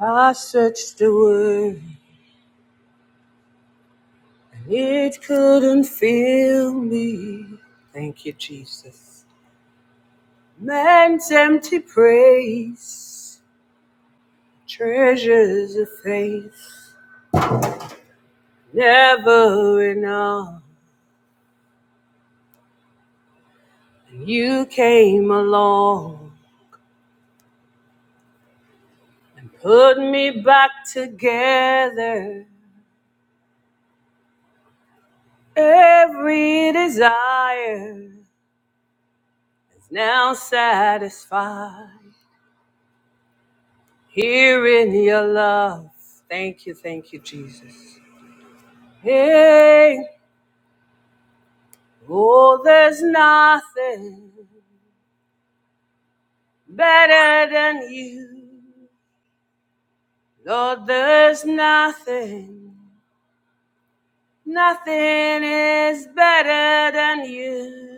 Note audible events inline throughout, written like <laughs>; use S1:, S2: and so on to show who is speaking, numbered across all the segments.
S1: I searched the word, and it couldn't fill me. Thank you, Jesus. Man's empty praise, treasures of faith, never enough. you came along, put me back together. Every desire is now satisfied. Here in your love. Thank you, thank you, Jesus. Hey, oh, there's nothing better than you. Lord, there's nothing, nothing is better than you.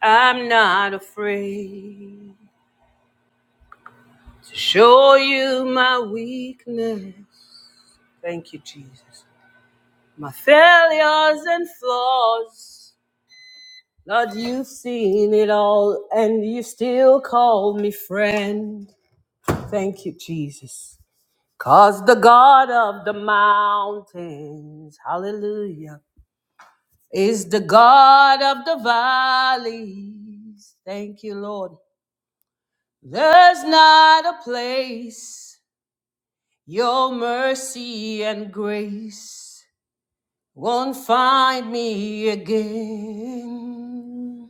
S1: I'm not afraid to show you my weakness. Thank you, Jesus. My failures and flaws. Lord, you've seen it all and you still call me friend. Thank you, Jesus. Cause the God of the mountains, hallelujah, is the God of the valleys. Thank you, Lord. There's not a place your mercy and grace won't find me again.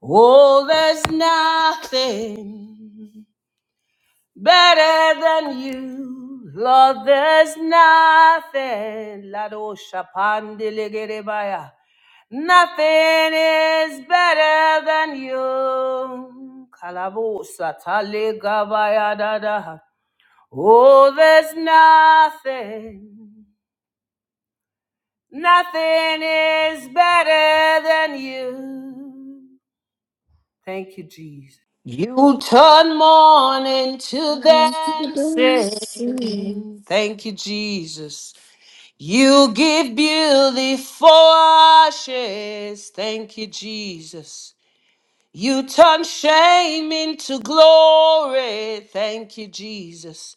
S1: Oh, there's nothing better than you. Lord, there's nothing. Lado Shapandilegerebaya. Nothing is better than you. Kalabosa talegabaya dada. Oh, there's nothing. Nothing is better than you. Thank you, Jesus. You turn mourning to
S2: Mountain.
S1: dancing. Thank you, Jesus. You give beauty for ashes. Thank you, Jesus. You turn shame into glory. Thank you, Jesus.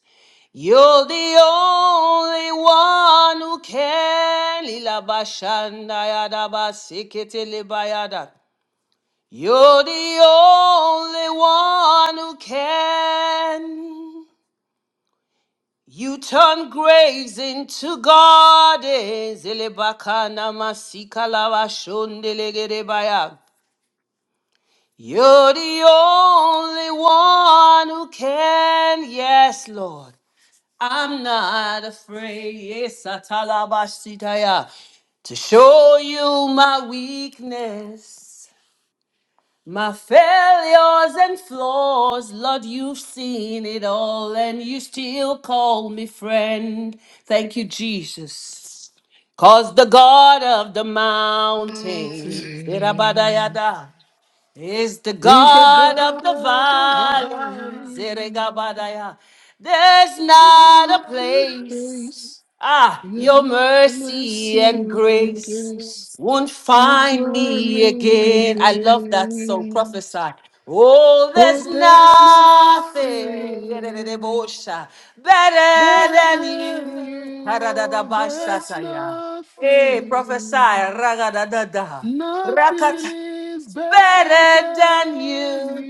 S1: You're the only one who can. Ilabashandayadabasikitilibayada. You're the only one who can. You turn graves into gardens. Elebakana masikalawa shondelegerebaya. You're the only one who can. Yes, Lord. I'm not afraid. Yes, atalabashitaya. To show you my weakness. My failures and flaws, Lord, you've seen it all, and you still call me friend. Thank you, Jesus. Cause the God of the mountains,
S2: Mountain.
S1: is the
S2: He's the
S1: God
S2: God
S1: of the
S2: of the
S1: valley.
S2: valley.
S1: Zeregabadaya. There's
S2: There's
S1: not a
S2: nothing
S1: place,
S2: place.
S1: ah, your
S2: Your
S1: mercy
S2: mercy
S1: and
S2: and
S1: grace
S2: grace.
S1: won't
S2: You
S1: find
S2: turn
S1: me
S2: me
S1: again. I love that so
S2: again.
S1: prophesy. Oh,
S2: Oh,
S1: there's
S2: there's
S1: nothing
S2: nothing
S1: better
S2: better
S1: than you.
S2: than you. Oh, there's
S1: Haradadabashataya. Hey,
S2: nothing.
S1: prophesy.
S2: Nothing
S1: Ragadadada.
S2: is
S1: It's
S2: better
S1: better than
S2: than
S1: you.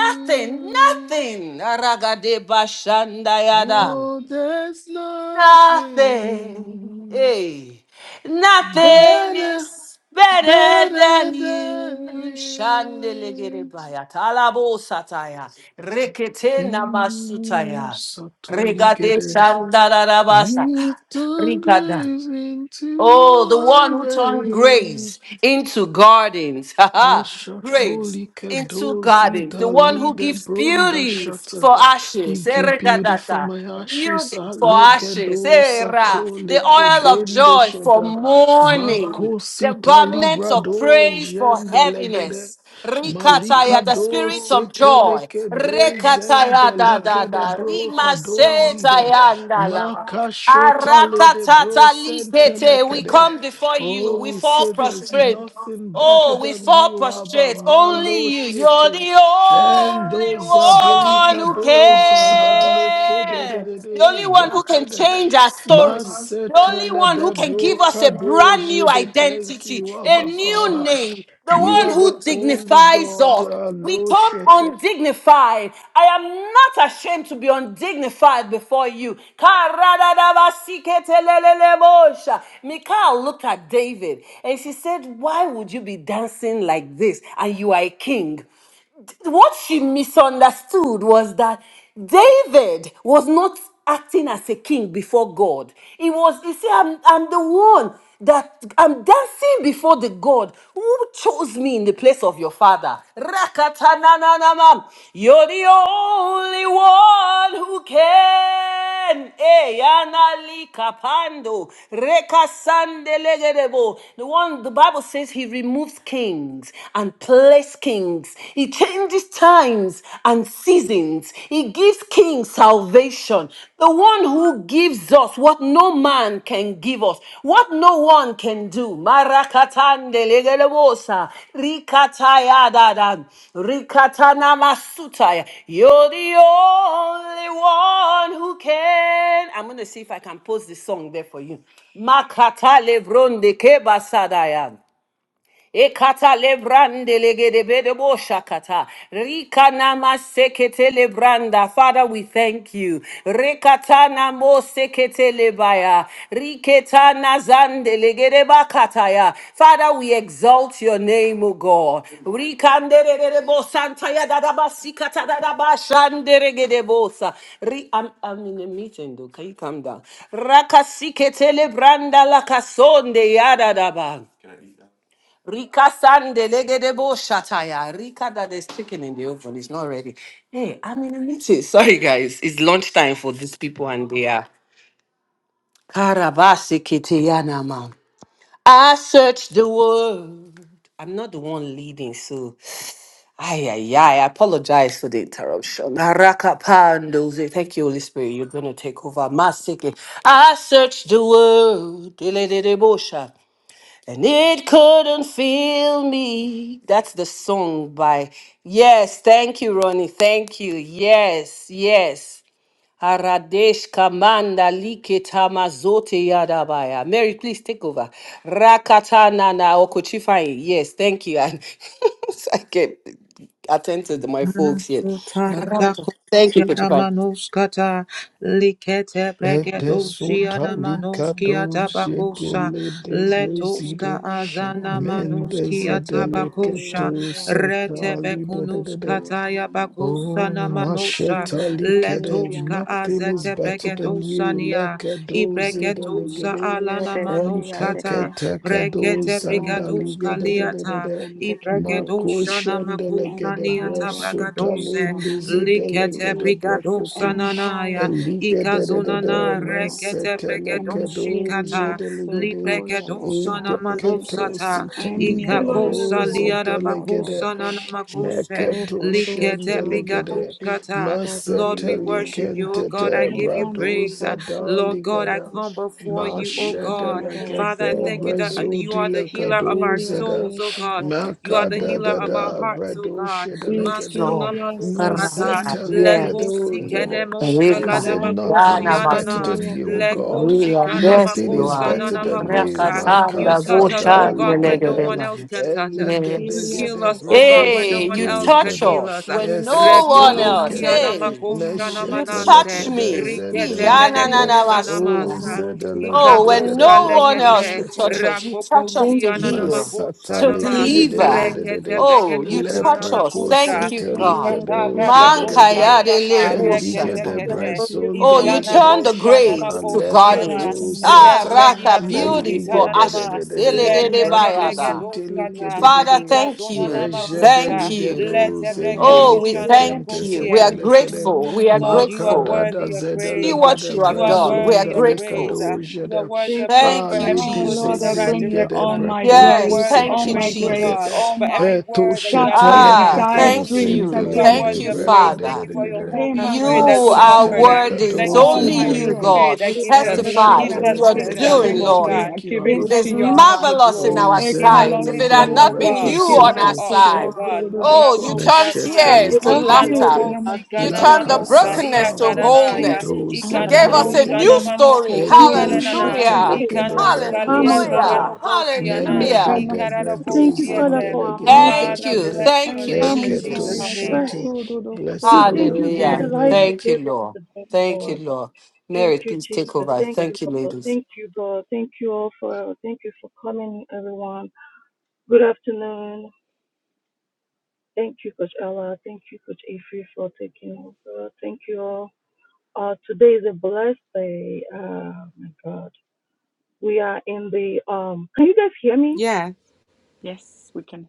S1: Nothing, nothing. Aragade bashandayada.
S2: Oh, there's
S1: Nothing.
S2: nothing
S1: Hey. Nothing
S2: better,
S1: is better
S2: better
S1: than
S2: than
S1: you. Shandelegere
S2: you.
S1: baya. Talabo sataya. Rekete
S2: You
S1: namasutaya.
S2: subtly
S1: Regade
S2: get it.
S1: shandarabasa.
S2: It's the
S1: Rigada.
S2: grace into
S1: Oh, the
S2: my
S1: one who turned
S2: way.
S1: graves into gardens. <laughs> Ha
S2: Oh,
S1: ha. Graves
S2: Shatolika
S1: into
S2: dozi
S1: gardens. The one
S2: dali
S1: who
S2: de
S1: gives
S2: bronda
S1: beauty
S2: shata.
S1: for
S2: You
S1: ashes.
S2: give beauty for
S1: Eregadata.
S2: my ashes.
S1: Beauty for
S2: Aleke
S1: ashes.
S2: do
S1: Era. The
S2: satoleke
S1: oil of
S2: dende
S1: joy for
S2: shada.
S1: mourning.
S2: Mako
S1: The
S2: sita
S1: garment
S2: libra
S1: of
S2: do
S1: praise for
S2: jendelegede.
S1: heaviness.
S2: Malika
S1: Rikataya, the
S2: do
S1: spirit of joy.
S2: seteleke de
S1: Rekataya da da
S2: zendelike de
S1: da.
S2: bro kadozida.
S1: Rimasetaya ndala.
S2: Maka shota le de bro
S1: Arakatata likete. We
S2: sentelekede.
S1: come before you.
S2: Oh,
S1: We
S2: we
S1: fall
S2: say there is
S1: prostrate.
S2: nothing better
S1: Oh, we
S2: than
S1: fall
S2: you, Abba
S1: prostrate. Only
S2: Malo
S1: you. You're
S2: Shete.
S1: the
S2: And
S1: only
S2: those are
S1: one
S2: delica,
S1: who
S2: those are daleke de de
S1: can.
S2: de
S1: The
S2: de
S1: only one who can
S2: bekede.
S1: change our story. The only
S2: Masetele
S1: one who
S2: de
S1: can give us a brand new
S2: brokadoje de thank
S1: identity,
S2: you,
S1: a
S2: Abba
S1: new
S2: Father.
S1: name the
S2: You
S1: one
S2: are the
S1: who
S2: only
S1: dignifies
S2: God,
S1: us. We
S2: Alo
S1: come
S2: Shete.
S1: undignified. I am not ashamed to be undignified before you. Karadadabasiketelelelebosha. Michal looked at David and she said, Why would you be dancing like this? And you are a king what she misunderstood was that David was not acting as a king before God. He was, you see, I'm, I'm the one that I'm dancing before the God who chose me in the place of your father. Rakatanananama. You're the only one who can. Eh, yanali kapando. Rekasandelegedebo. The one the Bible says he removes kings and place kings. He changes times and seasons. He gives kings salvation. The one who gives us what no man can give us, what no one can do. Marakatande legelebosa, rikatayadadan, rikatanamasutaya. You're the only one who can. I'm going to see if I can post the song there for you. Makata lebronde kebasadaya. Ekata lebrande legedebede bo shakata. Rika nama sekete lebranda. Father, we thank you. Rekata namo sekete lebaya. Riketa nazande legedeba kataya. Father, we exalt your name, O God. Rikanderedebo santaya dadaba sikata dadaba shanderegedebosa. Ri- I'm, I'm in a meeting though. Can you calm down? Rakasikete lebranda lakasonde yadadaba. Rika Sande Legedebo Shataya. Rika that there's chicken in the oven. It's not ready. Hey, I'm in a meeting. <laughs> Sorry guys. It's lunchtime for these people and they are Karabasi Kiteyana man. I searched the world. I'm not the one leading, so ay ay ay. I apologize for the interruption. Naraka Pandoze. Thank you, Holy Spirit. You're gonna take over. Masiki. I searched the world. And it couldn't feel me. That's the song by. Yes, thank you, Ronnie. Thank you. Yes, yes. Aradesh Kamanda Liketa Mazote Yadabaya. Mary, please take over. Rakata Nana Okochifai. Yes, thank you. And <laughs> I can attend to the- my folks yet. Raka. Thank you, Kochifai.
S3: Yaramanoskata likete
S2: Ede
S3: bregedosia
S2: sutali
S3: manoskia
S2: kadoje de
S3: tabakosa
S2: le
S3: letoska
S2: de
S4: Atelekemena soto
S3: azana
S4: kororoko
S3: manuskia tabakosha
S2: Mendezedeleketo
S4: elemia teke
S3: rete
S2: satali
S4: soroko
S2: dededede.
S3: bekunuskata
S4: solekene masene.
S3: yabakusa
S2: Oh,
S3: namanosha
S4: Shima
S2: Mashetali
S4: kele
S2: kede,
S3: letoska
S4: fiande
S2: nothing
S4: kema
S2: is
S3: azete
S2: better
S4: soroko
S2: than
S4: si
S2: you.
S3: bregedosania
S2: Lekedo
S4: elema
S3: ibregedosa
S2: zedelegede,
S4: mekele
S3: alana
S4: de siade ke
S3: manoskata
S2: enteketekedo
S3: brekete
S4: empire the
S2: zandali
S3: brigadoska
S4: solo
S3: liata
S2: gededededede.
S4: kosende ke melekedi
S3: ibregedosha na
S2: Makoshendelegede,
S3: Liata
S4: empire teke ke
S3: Bragadose,
S2: bresotalinde
S4: samane kele
S3: Likete
S4: de
S2: zedelegede, brekote.
S3: Brigadosa
S4: empire lo solo
S2: Eligedede
S3: Ikazunana
S4: kodoyodo
S3: Rekete
S2: masetele kedo
S3: Bregadoshikata,
S4: Emtelia
S2: jedeligede
S4: sotoya la
S3: Lipregadosa
S4: candide.
S2: eketo
S3: Namanosata,
S2: sitali
S5: Good morning,
S4: Emiana
S2: brado
S3: Ikakosa
S5: everyone.
S4: sale
S3: Liara Bakosa
S4: fadaso.
S3: Nanamakoshe,
S4: O
S2: Neketo
S5: Jesus,
S3: Likete
S4: kurusun
S5: God
S2: shendelegede,
S4: dike
S3: Brigadoskata.
S5: bless
S4: fiada
S5: your
S3: Lord,
S5: name.
S3: we
S2: masetali
S4: siligiri.
S3: worship you, O
S5: We
S3: God. I
S2: kentete,
S5: thank
S3: give you
S5: you,
S4: Enkanda
S3: praise. Uh,
S2: bradoza
S5: Lord.
S4: basiara
S3: Lord God, I
S2: daligada,
S4: basi.
S3: come before you, O God.
S4: Mekaya
S5: We bless you,
S3: Father, I
S2: mashedelegede,
S4: rasia
S5: Father.
S3: thank you that
S5: Thank
S3: uh,
S4: deke.
S5: you,
S3: you are
S2: brezodi
S3: the
S5: Jesus.
S3: healer of our
S2: lakadoza
S4: Metelia
S2: da,
S3: souls, O
S4: teken
S3: God. You are the
S4: tarasundo
S5: Thank
S2: makada
S3: healer
S5: you,
S2: da
S3: of our
S2: da,
S4: kodododo.
S3: hearts,
S5: Father.
S3: O
S2: brado
S3: God.
S2: shedelegede,
S3: Masuna
S1: No.
S4: Bifilia
S5: We
S1: Raka.
S3: manuskata,
S5: worship
S4: santem
S5: you,
S2: masetali
S5: Lord Jesus.
S3: leko
S1: Yes.
S2: kadoza
S4: pededikilia.
S3: sikene
S2: da. We
S1: Rika.
S3: moskalada
S2: say
S4: Elaika
S5: We
S2: nothing
S1: Yana
S2: is better
S5: bless
S4: santonde
S1: Masu.
S3: bakosianana,
S2: than you, O
S3: leko
S2: God.
S4: yatikimania.
S1: We are,
S3: shikana
S1: yes,
S2: Nothing
S1: you
S2: is
S3: makosa
S1: are.
S5: your
S2: better
S3: nana
S5: name.
S4: Efibia
S2: than
S4: da
S2: you.
S3: makosa.
S4: soto
S3: You
S1: Rakasanda
S3: touch us, O
S2: Makazada
S4: kosundiki
S3: God, where
S4: maya
S3: no
S2: likede
S5: Thank
S3: one
S4: diki.
S1: Goshandelegoreva.
S3: else
S5: you,
S3: can touch
S5: Jesus.
S3: us. You
S1: Yes.
S4: Ikilia
S3: heal
S2: elegedegede
S3: us, O God,
S4: kasanda
S3: where no
S1: Hey,
S3: one
S1: you
S4: kasana
S3: else
S5: Worship
S3: can
S5: you,
S1: touch
S2: brekosetelikede
S4: masi.
S5: Lord.
S3: heal
S1: us
S3: us.
S1: when no one
S4: Ikaya
S1: else.
S2: esetelikede
S3: Rekotoskiana
S1: Hey,
S4: namasika
S5: Thank you,
S3: makoshana
S1: you
S5: Jesus.
S4: namasila
S1: touch
S3: manase,
S4: kana.
S2: meshetelekede
S1: me.
S3: rikete
S2: zendeligede
S4: Shakilia da
S3: menekosana
S1: Iyananamasu.
S4: kasana
S3: masa.
S5: Ma-
S4: masika.
S1: Oh, when
S3: Ikatos
S2: ozedelegedegede
S1: no one
S4: Ala
S1: else
S3: kalekete
S1: could
S4: kasana
S1: touch us, you
S4: masika
S1: touch us
S5: Thank
S1: to
S3: rakokosia
S5: you
S4: namasili
S5: for your
S4: kiri.
S1: heal,
S2: Masata
S3: nanamakosha
S1: to
S5: love.
S3: nama
S2: likede de de de
S4: Sintaya
S1: deliver.
S2: de
S4: la
S2: de
S3: rekete
S2: de.
S1: Oh,
S4: kasidi
S1: you
S3: bregedosa
S4: kiri.
S1: touch us.
S2: Lepreco
S5: Jesus,
S3: namakosha
S1: Thank you,
S2: sete
S1: God.
S4: Sikalia da
S3: ikata
S2: likedo
S5: we
S4: kata
S5: worship you.
S4: kasi.
S3: bragadosa
S1: Mankaya
S2: jedelegede.
S1: de
S3: niata
S1: lebo
S4: Satya
S3: rekete
S2: Eligede
S4: da
S5: We
S4: da
S1: shataya.
S3: kete
S5: love you,
S2: brezon
S1: Oh,
S4: sikinya
S1: you
S5: Father.
S3: iskana
S1: turn
S2: delegede.
S1: the
S4: namasika.
S3: kosha
S5: We
S1: graves to
S5: bless your
S3: namakosiana
S5: name,
S2: Malekato
S4: Adamsana
S1: gardens. Ah,
S2: sata.
S5: Jesus.
S3: retenia
S1: raka, beauty for
S4: masira
S3: toskitana
S2: Meligede de de
S3: nama
S1: ashes.
S2: de de
S5: Lord,
S2: de.
S5: we
S1: Elegede
S5: love
S3: lekete
S2: Preco
S1: bayada.
S4: Shinamasiana
S2: sete
S4: Kili
S3: bregedoskata
S2: likede de
S1: Father,
S2: de.
S4: Kinandaki
S1: thank
S3: ikazona
S5: you,
S1: you.
S5: Lord.
S1: Thank
S3: namakusa
S4: Shatila
S1: you.
S4: Laka
S2: Mejedeligedo
S3: lete
S4: Sada
S5: Thank you,
S1: Oh, we
S3: bregedosha
S5: Jesus.
S4: Kasiamas
S1: thank
S2: zendeliketente
S5: We
S1: you. We
S2: sete
S3: namakosie
S1: are
S5: praise
S2: lekede.
S1: grateful.
S4: Shanamas
S1: We are
S4: or the
S3: Lord, you are
S1: grateful.
S4: Shanamas
S2: Makadada
S3: worthy of
S1: See
S5: you,
S3: praise. uh,
S1: what
S2: zedelegede
S5: worship
S1: you
S5: you,
S3: You
S1: have
S3: are
S1: done.
S5: Jesus.
S1: We
S2: brezon
S4: Zonamas
S1: are
S3: worthy of
S1: grateful.
S3: praise. uh,
S4: Shanamas.
S3: You are
S2: delikado
S3: worthy
S5: Thank
S3: of
S5: you,
S3: praise
S2: Ah,
S3: for
S1: Thank
S5: Father.
S1: you,
S3: every
S4: Ah
S2: ladies
S3: push in
S4: Lord,
S2: in
S3: the
S4: I
S2: the
S1: Jesus.
S3: right
S4: bring you
S2: ligade
S4: all
S3: direction.
S4: my
S5: Thank
S3: You
S2: braco
S3: are
S5: you,
S1: Yes,
S4: graves,
S3: worthy
S4: all
S3: of
S1: thank
S2: cosete
S1: you,
S4: my
S5: Father
S3: praise, oh
S2: ligade.
S4: graves,
S3: God,
S5: God.
S1: Jesus.
S4: all
S3: for
S4: my
S3: every
S2: Eto
S3: word that you have
S4: scattered
S5: Thank
S3: given
S2: shetele
S3: that
S4: and
S3: has
S1: Ah,
S3: brought
S4: died
S2: kato
S1: thank
S3: healing.
S4: dreams I
S2: sende
S1: you.
S3: You are
S4: bring
S1: Thank
S4: to
S2: ligade
S3: worthy
S1: you,
S3: of
S4: you,
S2: braca
S3: praise.
S4: Lord.
S2: de
S3: Thank
S2: de
S1: Father.
S3: you
S2: de
S3: for
S5: Thank
S2: de
S5: you,
S3: your
S5: you
S2: de.
S4: Hey,
S3: Holy
S5: have never
S3: Spirit
S4: Matthew
S3: as
S1: You
S3: the
S2: Masete
S1: are
S4: Casinum.
S3: comforter.
S5: Jesus.
S1: worthy. It's
S3: Thank
S2: ligado
S3: you for
S4: All
S1: only
S3: the
S4: my
S2: sende
S3: Holy
S1: you,
S2: ligade.
S4: graves,
S1: God.
S3: Spirit
S1: We
S3: that
S5: You
S3: gives
S5: have
S3: us.
S5: never
S1: testify.
S4: everything
S1: It
S3: Gives
S4: that
S5: told
S1: is
S3: us
S2: Mashetele
S4: is
S1: your
S4: dead,
S2: kade de
S4: I
S3: wisdom,
S2: de
S3: oh
S1: doing,
S4: bring
S2: de.
S4: to
S3: Lord
S1: Lord.
S4: you.
S3: God.
S4: I
S2: Thank you,
S4: give it
S2: Abba
S5: Thank
S3: Gives
S1: It
S5: you,
S3: us
S4: into
S1: is
S4: your
S2: Father.
S5: Father.
S3: wisdom to
S4: hands.
S1: marvelous in
S3: grow.
S2: Oh,
S1: our
S3: Gives us
S2: sende
S1: sight. If it had
S3: wisdom,
S2: ligade
S3: oh
S1: not been
S2: braco
S4: Ekalassimateke
S5: Thank
S3: God,
S1: you
S3: to
S5: you,
S1: on
S3: show
S5: Father.
S1: our
S3: up, oh
S1: side,
S3: God. Mana
S1: oh,
S4: yasudodokododoko.
S1: you
S3: ko
S1: turned
S2: Lesheta
S3: shatia,
S1: tears
S2: like
S1: to
S5: Without
S2: de de
S5: you, we're
S1: laughter.
S3: ikanoko
S1: You turned the
S5: Jesus.
S3: sikanamano
S4: Ekanamasinamasikalamasi.
S3: saia
S1: brokenness to
S5: Without you,
S3: karanaya,
S1: wholeness.
S5: Jesus.
S1: You
S2: and
S1: gave us
S3: ikanoko
S1: a
S2: leke
S4: Akaliti
S1: new story.
S3: shanamanoko
S5: Thank
S2: eto
S4: masotoli
S5: you for
S3: sianana,
S2: sheta
S5: your
S4: kisanti
S1: Hallelujah.
S5: faith,
S2: leke
S3: ikanos
S5: our
S2: beko
S3: kalia
S5: family, for our
S4: kimayodokodododo.
S1: Hallelujah.
S2: sata
S3: tabanoko
S5: bodies.
S3: siana,
S2: mele de
S1: Hallelujah.
S3: ikararoko
S5: Thank you,
S2: verdos and
S5: Father,
S3: siate.
S5: for our
S2: leke de
S5: mouth, our
S4: Ekanamasianamasianamasika.
S1: Thank
S3: Father,
S1: you.
S3: bless your
S1: Thank you,
S3: name
S5: family,
S3: in
S2: eketo
S3: Jesus'
S5: our
S1: Jesus.
S3: name.
S2: shete.
S5: friends. We
S2: Blessed be
S5: thank
S2: your
S5: you for
S2: holy
S5: the
S1: Hallelujah.
S3: Amen.
S5: life
S2: name.
S4: Ekantayadasudodokodolasindikia.
S5: you
S1: Thank you,
S5: gave us
S1: Lord.
S5: today,
S1: Thank you,
S5: Lord.
S1: Lord.
S5: Thank
S1: Mary,
S5: you,
S1: please take
S5: Jesus.
S1: over.
S5: Thank you,
S1: Thank you,
S5: Lord.
S1: ladies.
S5: Thank you, God. Thank you all for thank you for coming, everyone. Good afternoon. Thank you, Coach Ella. Thank you, Coach Ify, for taking over. Thank you all. Uh, today is a blessed day. Oh my God. We are in the um. Can you guys hear me?
S3: Yeah.
S4: Yes, we can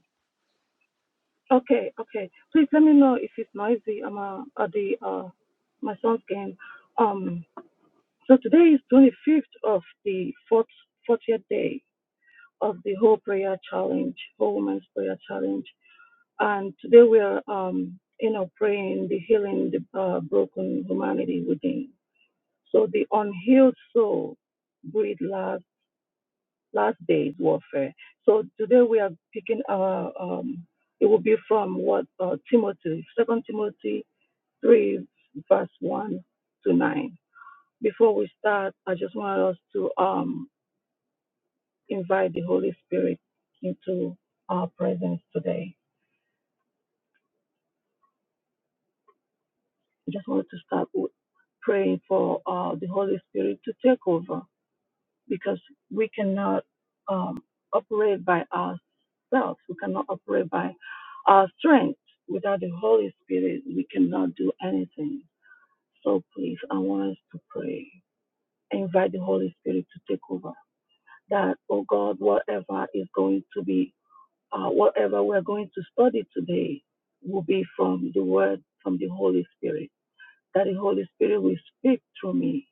S5: Okay, okay. Please let me know if it's noisy. I'm uh, at the uh my son's game. Um. So today is 25th of the fourth 40th day of the whole prayer challenge, whole women's prayer challenge. And today we are, um, you know, praying the healing the uh, broken humanity within. So the unhealed soul breathed last last day's warfare. So today we are picking our. Um, it will be from what uh, Timothy, Second Timothy three, verse one to nine. Before we start, I just want us to um, invite the Holy Spirit into our presence today. I just wanted to start with praying for uh, the Holy Spirit to take over because we cannot um, operate by ourselves. We cannot operate by our strength. Without the Holy Spirit, we cannot do anything. So please, I want us to pray. Invite the Holy Spirit to take over. That, oh God, whatever is going to be, uh, whatever we're going to study today will be from the Word, from the Holy Spirit that the Holy Spirit will speak through me.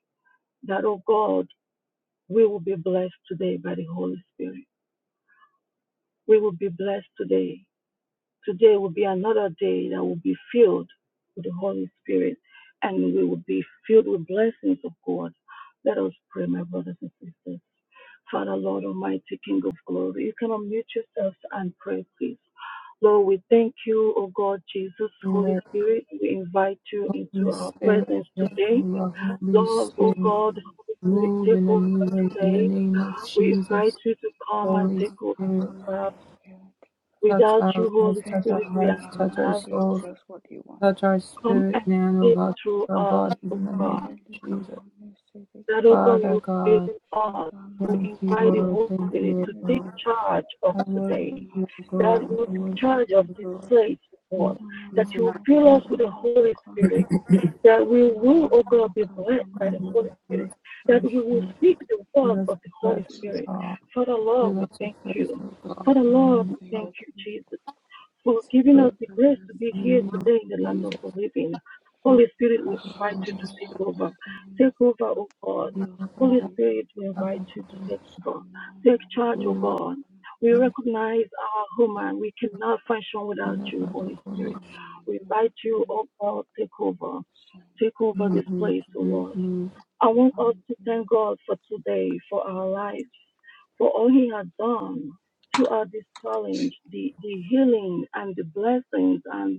S5: That, oh God, we will be blessed today by the Holy Spirit. We will be blessed today. Today will be another day that will be filled with the Holy Spirit and we will be filled with blessings of God. Let us pray, my brothers and sisters. Father, Lord Almighty, King of glory, you can unmute yourselves and pray, please. Lord, we thank you, O God, Jesus, Holy
S3: Spirit,
S5: Spirit. We invite you into
S3: Holy
S5: our
S3: Spirit,
S5: presence
S3: fill
S5: today.
S3: your Holy
S5: Lord, oh
S3: Spirit.
S5: God,
S4: Satan,
S5: Holy Spirit,
S3: Move
S5: take
S3: in a
S5: over
S3: new way in the
S5: today.
S3: name of
S5: We invite
S3: Jesus.
S5: you to come and
S3: Holy
S5: take
S4: welcome,
S3: Spirit,
S4: welcome,
S5: over.
S4: Holy Spirit.
S3: touch
S5: Without you,
S3: our lives,
S5: Holy
S3: touch
S4: Take
S3: our
S5: Spirit, we are
S3: hearts,
S4: over
S3: touch
S4: and
S3: our
S5: nothing.
S4: teach
S3: souls,
S4: us what you want to
S3: touch our
S5: Come
S3: spirit,
S5: and
S3: man,
S4: see.
S3: oh
S5: speak
S3: God, touch
S5: through
S3: our
S5: us,
S3: bodies
S5: oh
S3: in the
S4: Shema
S5: God.
S3: name
S4: keli
S3: of Jesus.
S4: kama nisikiti.
S5: that, oh God,
S3: Father
S5: you place
S3: God,
S5: in us.
S4: Shada
S5: We
S3: thank you,
S5: invite
S4: masina
S5: the
S3: Lord,
S5: Holy
S3: thank you,
S5: Spirit
S3: Lord
S5: to
S4: nasikiti.
S5: take
S3: God.
S5: charge of
S3: I worship
S4: Shema
S5: today,
S3: you, oh
S5: that you
S3: God, I
S5: take
S3: worship
S5: charge of
S3: you,
S4: nasikiti.
S5: this
S3: oh God.
S5: place, Lord,
S3: In
S4: Sana
S5: that
S3: Jesus,
S5: you
S3: our
S4: maya da
S5: fill us
S3: Lord,
S5: with
S4: kala
S5: the
S4: da
S5: Holy
S4: kala.
S5: Spirit, that we
S4: Sana
S5: will, oh
S4: maya
S5: God, be blessed by the
S3: and Lord,
S5: Holy
S3: fill us
S5: Spirit, that
S3: afresh,
S5: we will
S3: Lord.
S5: speak the
S3: Fill
S5: words
S3: us
S5: of the
S3: afresh
S5: Holy
S3: with
S5: Spirit.
S3: all.
S5: Father, Lord,
S3: Fill
S5: we
S3: us
S5: thank
S3: afresh,
S5: you.
S3: oh God,
S5: Father, Lord,
S3: in the name
S5: we
S3: of
S5: thank you, Jesus for giving us
S3: Jesus.
S5: the grace to be
S3: In the
S5: here
S3: name of
S5: today in the land of
S3: Jesus.
S5: the living. Holy Spirit, we invite you to take over. Take over, O God. Holy Spirit, we invite you to take over. Take charge, O God. We recognize our human. We cannot function without you, Holy Spirit. We invite you, O
S4: Yes.
S5: God, take over. Take over this place, O Lord. I want us to thank God for today, for our lives, for all He has done throughout this challenge, the, the healing and the blessings and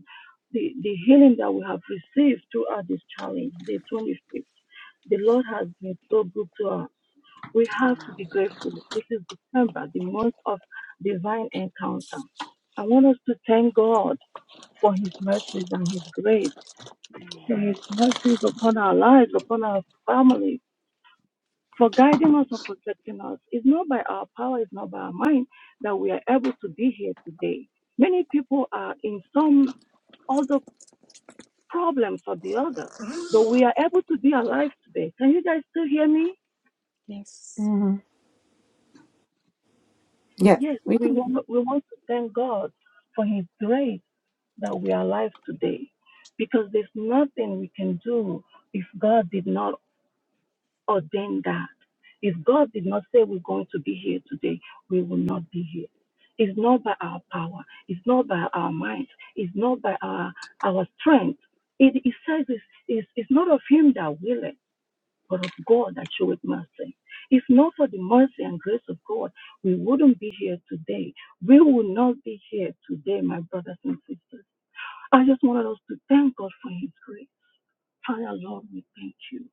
S5: the, the healing that we have received throughout this challenge, day 25th. The Lord has been so good to us. We have to be grateful. This is December, the month of divine encounter. I want us to thank God for His mercies and His grace, for His mercies upon our lives, upon our families for guiding us or protecting us. It's not by our power, it's not by our mind that we are able to be here today. Many people are in some other problems or the other, but we are able to be alive today. Can you guys still hear me?
S4: Yes.
S3: Mhm. Yes,
S5: Yes,
S3: we
S5: we
S3: can.
S5: want, we want to thank God for His grace that we are alive today because there's nothing we can do if God did not ordained that. If God did not say we're going to be here today, we will not be here. It's not by our power, it's not by our minds, it's not by our, our strength. It, it says it's, it's, it's not of Him that willeth, but of God that showeth mercy. If not for the mercy and grace of God, we wouldn't be here today. We would not be here today, my brothers and sisters. I just wanted us to thank God for His grace. Father, Lord, we thank you.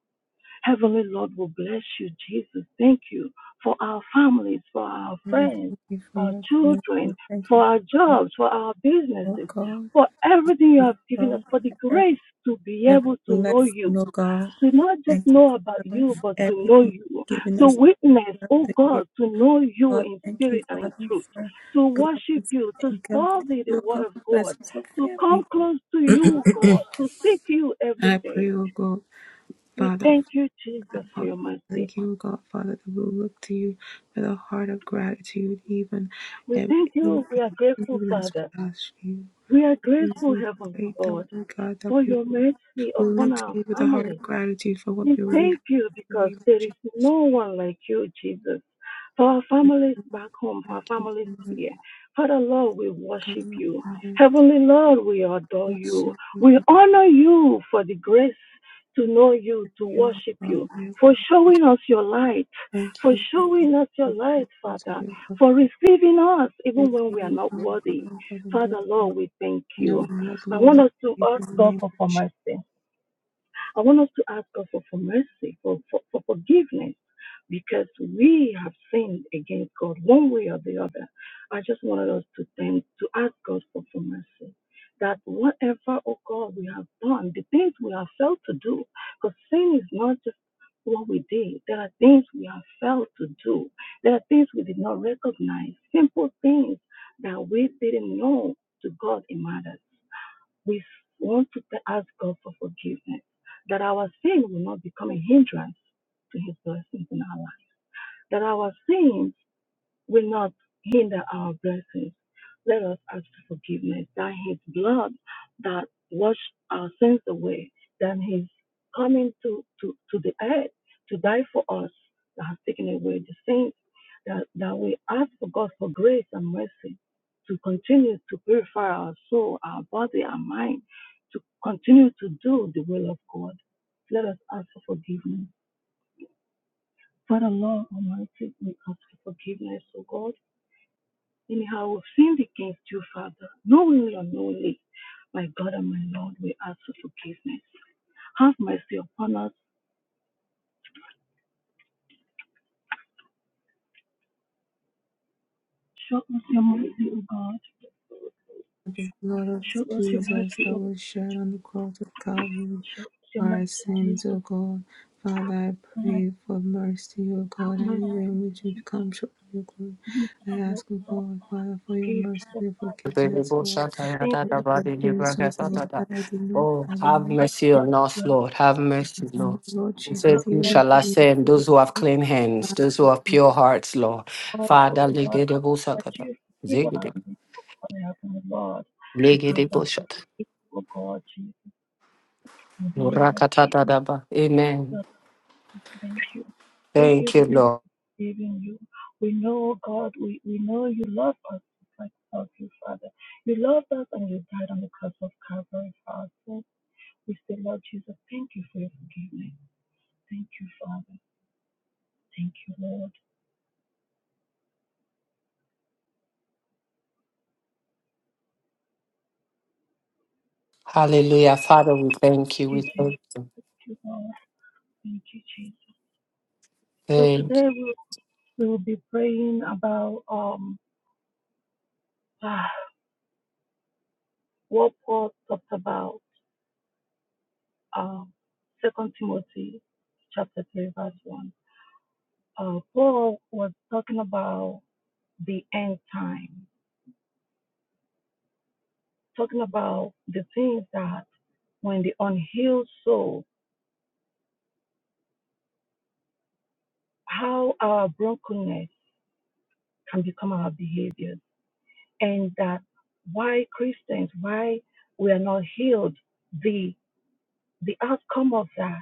S5: Heavenly Lord, will bless you, Jesus. Thank you for our families, for our
S3: Lord, I
S5: friends,
S3: thank you for
S5: our
S3: your grace.
S5: children,
S3: Lord, thank you
S5: for
S3: for
S5: our
S3: your love,
S5: jobs, for our
S3: oh
S5: businesses,
S3: God.
S5: for everything you
S3: Thank
S5: have
S3: you,
S5: given us,
S3: God,
S5: for the
S3: for every,
S5: grace to be
S3: every
S5: able to know you.
S3: blessing, oh God.
S5: To not just
S3: Thank you,
S5: know about
S3: Father,
S5: you,
S3: for
S5: but to know
S3: everything
S5: you.
S3: you've given
S5: To
S3: us
S5: witness,
S3: throughout
S5: oh
S3: the year.
S5: God, to know you
S3: God,
S5: in
S3: thank you,
S5: spirit and in
S3: Father,
S5: truth.
S3: for
S5: To worship
S3: blessings
S5: you,
S3: of
S5: to
S3: income. Thank
S5: study the
S3: you, oh
S5: word
S3: God,
S5: of
S3: for
S5: God,
S3: blessings of
S5: to come
S3: family.
S5: close to you, God, to seek you
S3: I
S5: every day.
S3: pray, oh God,
S5: We
S3: Father.
S5: thank you, Jesus, for your mercy.
S3: Thank you, God, Father, that we'll look to you with a heart of gratitude, even,
S5: We
S3: and,
S5: thank
S3: even
S5: you. We are grateful,
S3: even as
S5: Father.
S3: we ask you.
S5: We are
S3: Thank you,
S5: grateful,
S3: Lord, I
S5: Heavenly
S3: pray that,
S5: Lord,
S3: Lord God, that
S5: for
S3: we
S5: your mercy
S3: will
S5: upon
S3: look to
S5: our
S3: you with a heart
S5: family.
S3: of gratitude for what
S5: We
S3: we already have.
S5: thank you
S3: In the
S5: because
S3: name of
S5: there is
S3: Jesus.
S5: no one like you, Jesus. For our families back home, for our
S3: Thank you,
S5: families
S3: Lord
S5: here. Father Lord, we
S3: God,
S5: worship
S3: Lord
S5: you.
S3: Father.
S5: Heavenly Lord, we adore
S3: Bless
S5: you.
S3: you,
S5: We
S3: Lord
S5: honor you for the grace to know you, to
S3: God,
S5: worship
S3: Lord
S5: you, for
S3: God.
S5: showing us your light,
S3: Thank
S5: for
S3: you for
S5: showing us your
S3: the
S5: light,
S3: blessings of
S5: Father,
S3: your love.
S5: for receiving us even
S3: Thank
S5: when
S3: you,
S5: we are
S3: Lord
S5: not
S3: God,
S5: worthy.
S3: Father, for the
S5: Father
S3: blessings.
S5: Lord, we thank
S3: No
S5: you.
S3: one was
S5: I
S3: Lord.
S5: want
S3: and
S5: us to
S3: Savior
S5: ask
S3: In the
S5: God
S3: name of
S5: for, for
S3: Jesus.
S5: mercy. I want us to ask God for, for mercy, for, for, for forgiveness, because we have sinned against God one way or the other. I just wanted us to thank, to ask God for, for mercy. That whatever, oh God, we have done, the things we have failed to do, because sin is not just what we did. There are things we have failed to do. There are things we did not recognize. Simple things that we didn't know to God it matters we want to ask God for forgiveness, that our sin will not become a hindrance to His blessings in our life, that our sin will not hinder our blessings. Let us ask for forgiveness that His blood that washed our sins away, that His coming to, to, to the earth to die for us that has taken away the sins, that, that we ask for God for grace and mercy to continue to purify our soul, our body, our mind, to continue to do the will of God. Let us ask for forgiveness. Father, Lord Almighty, we ask for forgiveness, O God Anyhow, we've sinned against you, Father, knowingly or unknowingly. My God and my Lord, we ask for forgiveness. Have mercy upon us. Show us your mercy, O God.
S3: blood of
S5: Show us your
S3: Jesus
S5: mercy,
S3: that
S5: O
S3: was
S5: God.
S3: shed on the cross of Calvary
S5: Show us your
S3: for
S5: mercy,
S3: our sins, O
S5: Jesus.
S3: God. Father, I
S5: Like
S3: pray for mercy, O
S5: have
S3: God, any
S5: mercy,
S3: way in which we've come short of your glory.
S5: Jesus.
S3: I
S5: Lord,
S3: ask, O
S5: Lord,
S3: God, Father, for your
S5: Jesus,
S3: mercy
S5: for
S3: and forgiveness,
S1: Oh,
S3: Lord.
S5: the things
S3: For
S5: that
S3: The things, O
S5: we
S3: God, that I did not, I did
S1: have
S3: not,
S5: have
S1: mercy
S5: God
S1: on
S5: to
S1: us, Lord. Have mercy,
S3: Father,
S1: Lord.
S3: Lord
S1: You
S5: have
S1: said,
S3: Jesus,
S1: Who
S3: even the
S1: shall I
S5: mercy,
S3: things,
S1: send?
S3: O God,
S1: Those who have
S5: Jesus.
S1: clean hands, those who have
S3: that
S1: pure hearts, Lord.
S5: God, O
S1: Father,
S5: God, that
S1: legedebosakata,
S5: you forgive us,
S1: zegede-
S5: O God, Heavenly Lord. We ask that you
S1: legedebosata,
S5: forgive, O God, Jesus, in the name of Jesus.
S1: norakatadadaba. Amen.
S5: Lord, thank you. Thank you
S1: Thank you,
S5: because
S1: Lord.
S5: we believe in you. We know, oh God, we, we know you love us just like love you, Father. You loved us and you died on the cross of Calvary for us. So we say, Lord Jesus, thank you for your forgiveness. Thank you, Father. Thank you, Lord.
S1: Hallelujah. Father, we thank
S5: Thank
S1: you.
S5: you,
S1: We
S5: Jesus.
S1: thank
S5: Thank you, Lord. Thank you, Jesus. So
S1: thank
S5: today
S1: you.
S5: we we will be praying about um <sighs> ah, what Paul talked about um Second Timothy chapter three verse one. uh, Paul was talking about the end time, talking about the things that when the unhealed soul, how our brokenness can become our behaviors, and that why Christians, why we are not healed, the the outcome of that.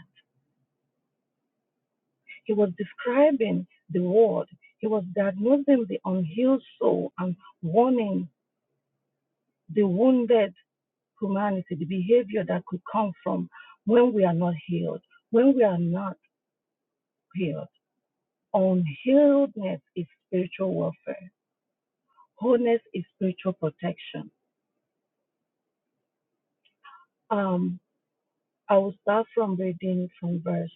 S5: He was describing the world. He was diagnosing the unhealed soul and warning the wounded humanity, the behavior that could come from when we are not healed, when we are not healed. Unhealedness is spiritual warfare. Wholeness is spiritual protection. Um, I will start from reading from verse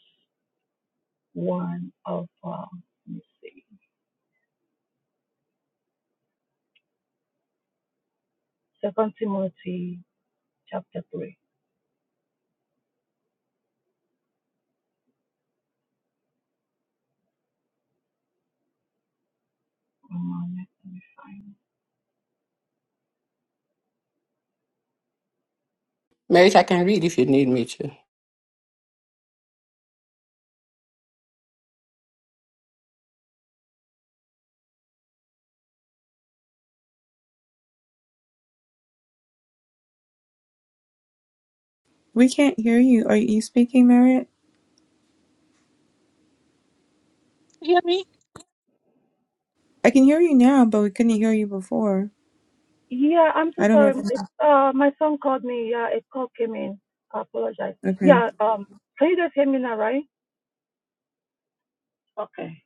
S5: one of um, let me see, Second Timothy chapter three.
S1: Mary, I can read if you need me to.
S3: We can't hear you. Are you speaking, Marriott?
S5: You hear me?
S3: I can hear you now, but we couldn't hear you before.
S5: yeah, I'm so
S3: I don't know.
S5: sorry. It,
S3: If
S5: uh, my son called me. Yeah, a call came in. I apologize.
S3: okay.
S5: Yeah, um, can you guys hear me now, right? Okay.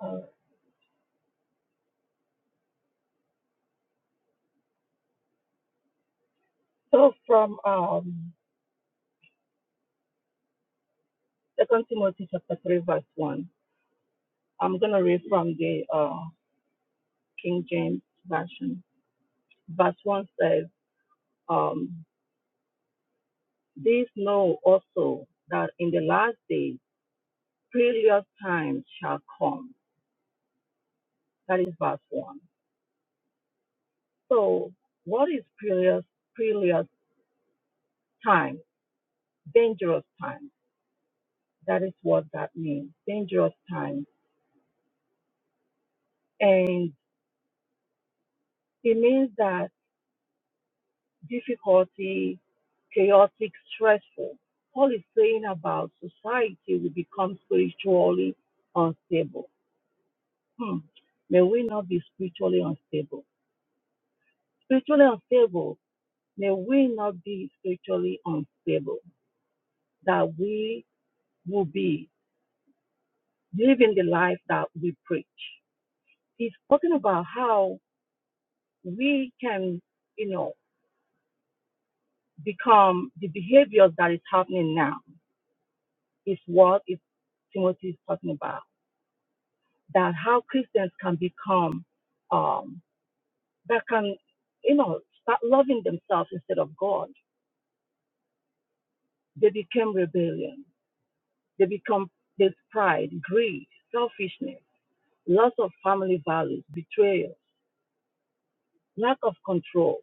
S5: All So from um, 2 Timothy chapter 3, verse 1, I'm going to read from the uh, King James Version. Verse 1 says, um, This know also that in the last days, perilous times shall come. That is verse 1. So what is perilous, perilous time? Dangerous time. That is what that means, dangerous time. And it means that difficulty, chaotic, stressful. Paul is saying about society will become spiritually unstable. Hmm. May we not be spiritually unstable. Spiritually unstable, may we not be spiritually unstable, that we will be living the life that we preach. He's talking about how we can, you know, become the behaviors that is happening now is what is Timothy is talking about that how Christians can become um, that can you know start loving themselves instead of God. They became rebellion. They become this pride, greed, selfishness, loss of family values, betrayal, lack of control.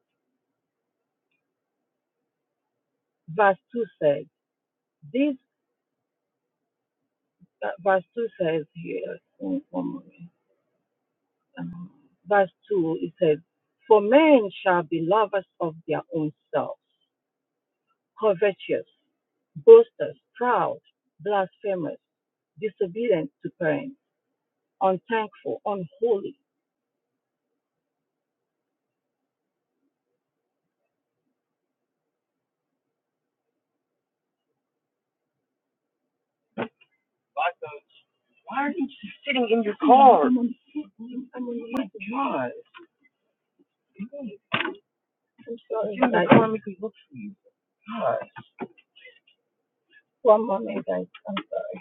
S5: Verse two says this. Uh, verse two says here. One, one moment. Verse two it says, "For men shall be lovers of their own selves." covetous, boasters, proud, blasphemous, disobedient to parents, unthankful, unholy. Why aren't you just sitting in your car? I'm on, foot. I'm on my God. I'm sorry, Get guys. car and make look for you. God. One moment, guys. I'm sorry.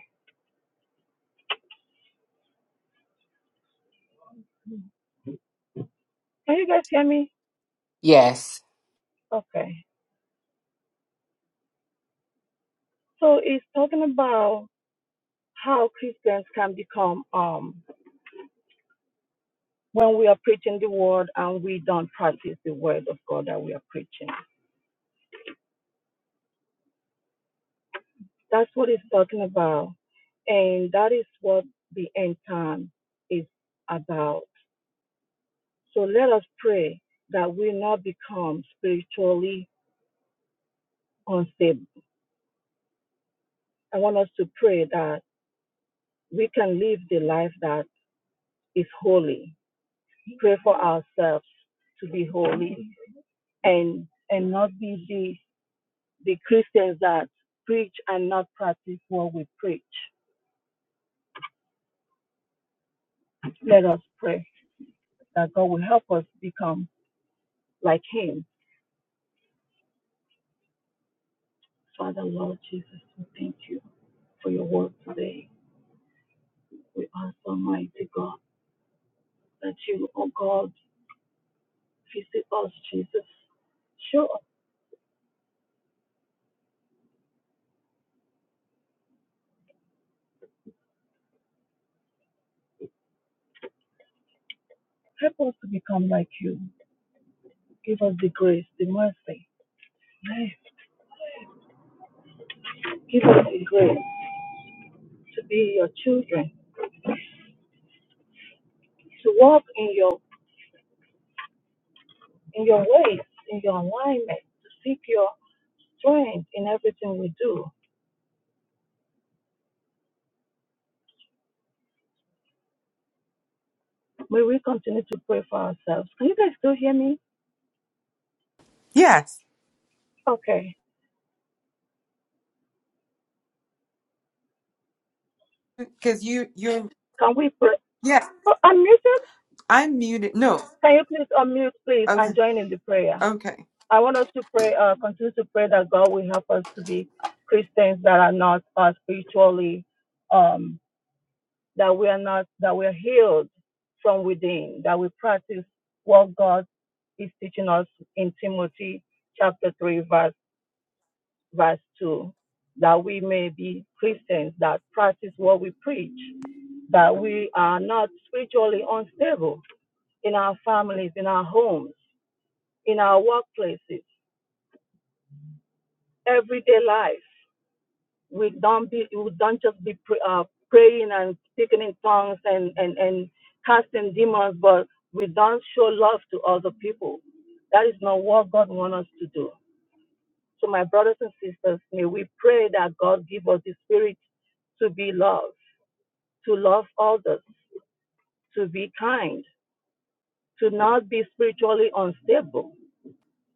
S5: Can you guys hear me?
S1: Yes.
S5: Okay. So it's talking about how Christians can become um when we are preaching the word and we don't practice the word of God that we are preaching. That's what it's talking about. And that is what the end time is about. So let us pray that we not become spiritually unstable. I want us to pray that we can live the life that is holy. Pray for ourselves to be holy and and not be the the Christians that preach and not practice what we preach. Let us pray that God will help us become like Him Father, Lord Jesus, we thank you for your word today. We ask, Almighty God, that you, oh God, visit us, Jesus. Show us, help us to become like you. Give us the grace, the mercy. Hey, Give us the grace to be your children, to walk in your in your ways, in your alignment, to seek your strength in everything we do. May we continue to pray for ourselves. Can you guys still hear me?
S3: Yes.
S5: Okay.
S3: because you you're
S5: Can we pray?
S3: yeah
S5: Oh, I'm muted.
S3: i'm muted no
S5: Can you please unmute, please,
S3: okay
S5: and join in the prayer?
S3: okay
S5: I want us to pray, uh, continue to pray that God will help us to be Christians that are not uh, spiritually, um, that we are not, that we are healed from within, that we practice what God is teaching us in Timothy chapter 3, verse, verse 2, that we may be Christians that practice what we preach, that we are not spiritually unstable in our families, in our homes in our workplaces, everyday life. We don't be, we don't just be pr- uh, praying and speaking in tongues and, and, and casting demons, but we don't show love to other people. That is not what God wants us to do. So, my brothers and sisters, may we pray that God give us the spirit to be loved, to love others, to be kind, to not be spiritually unstable.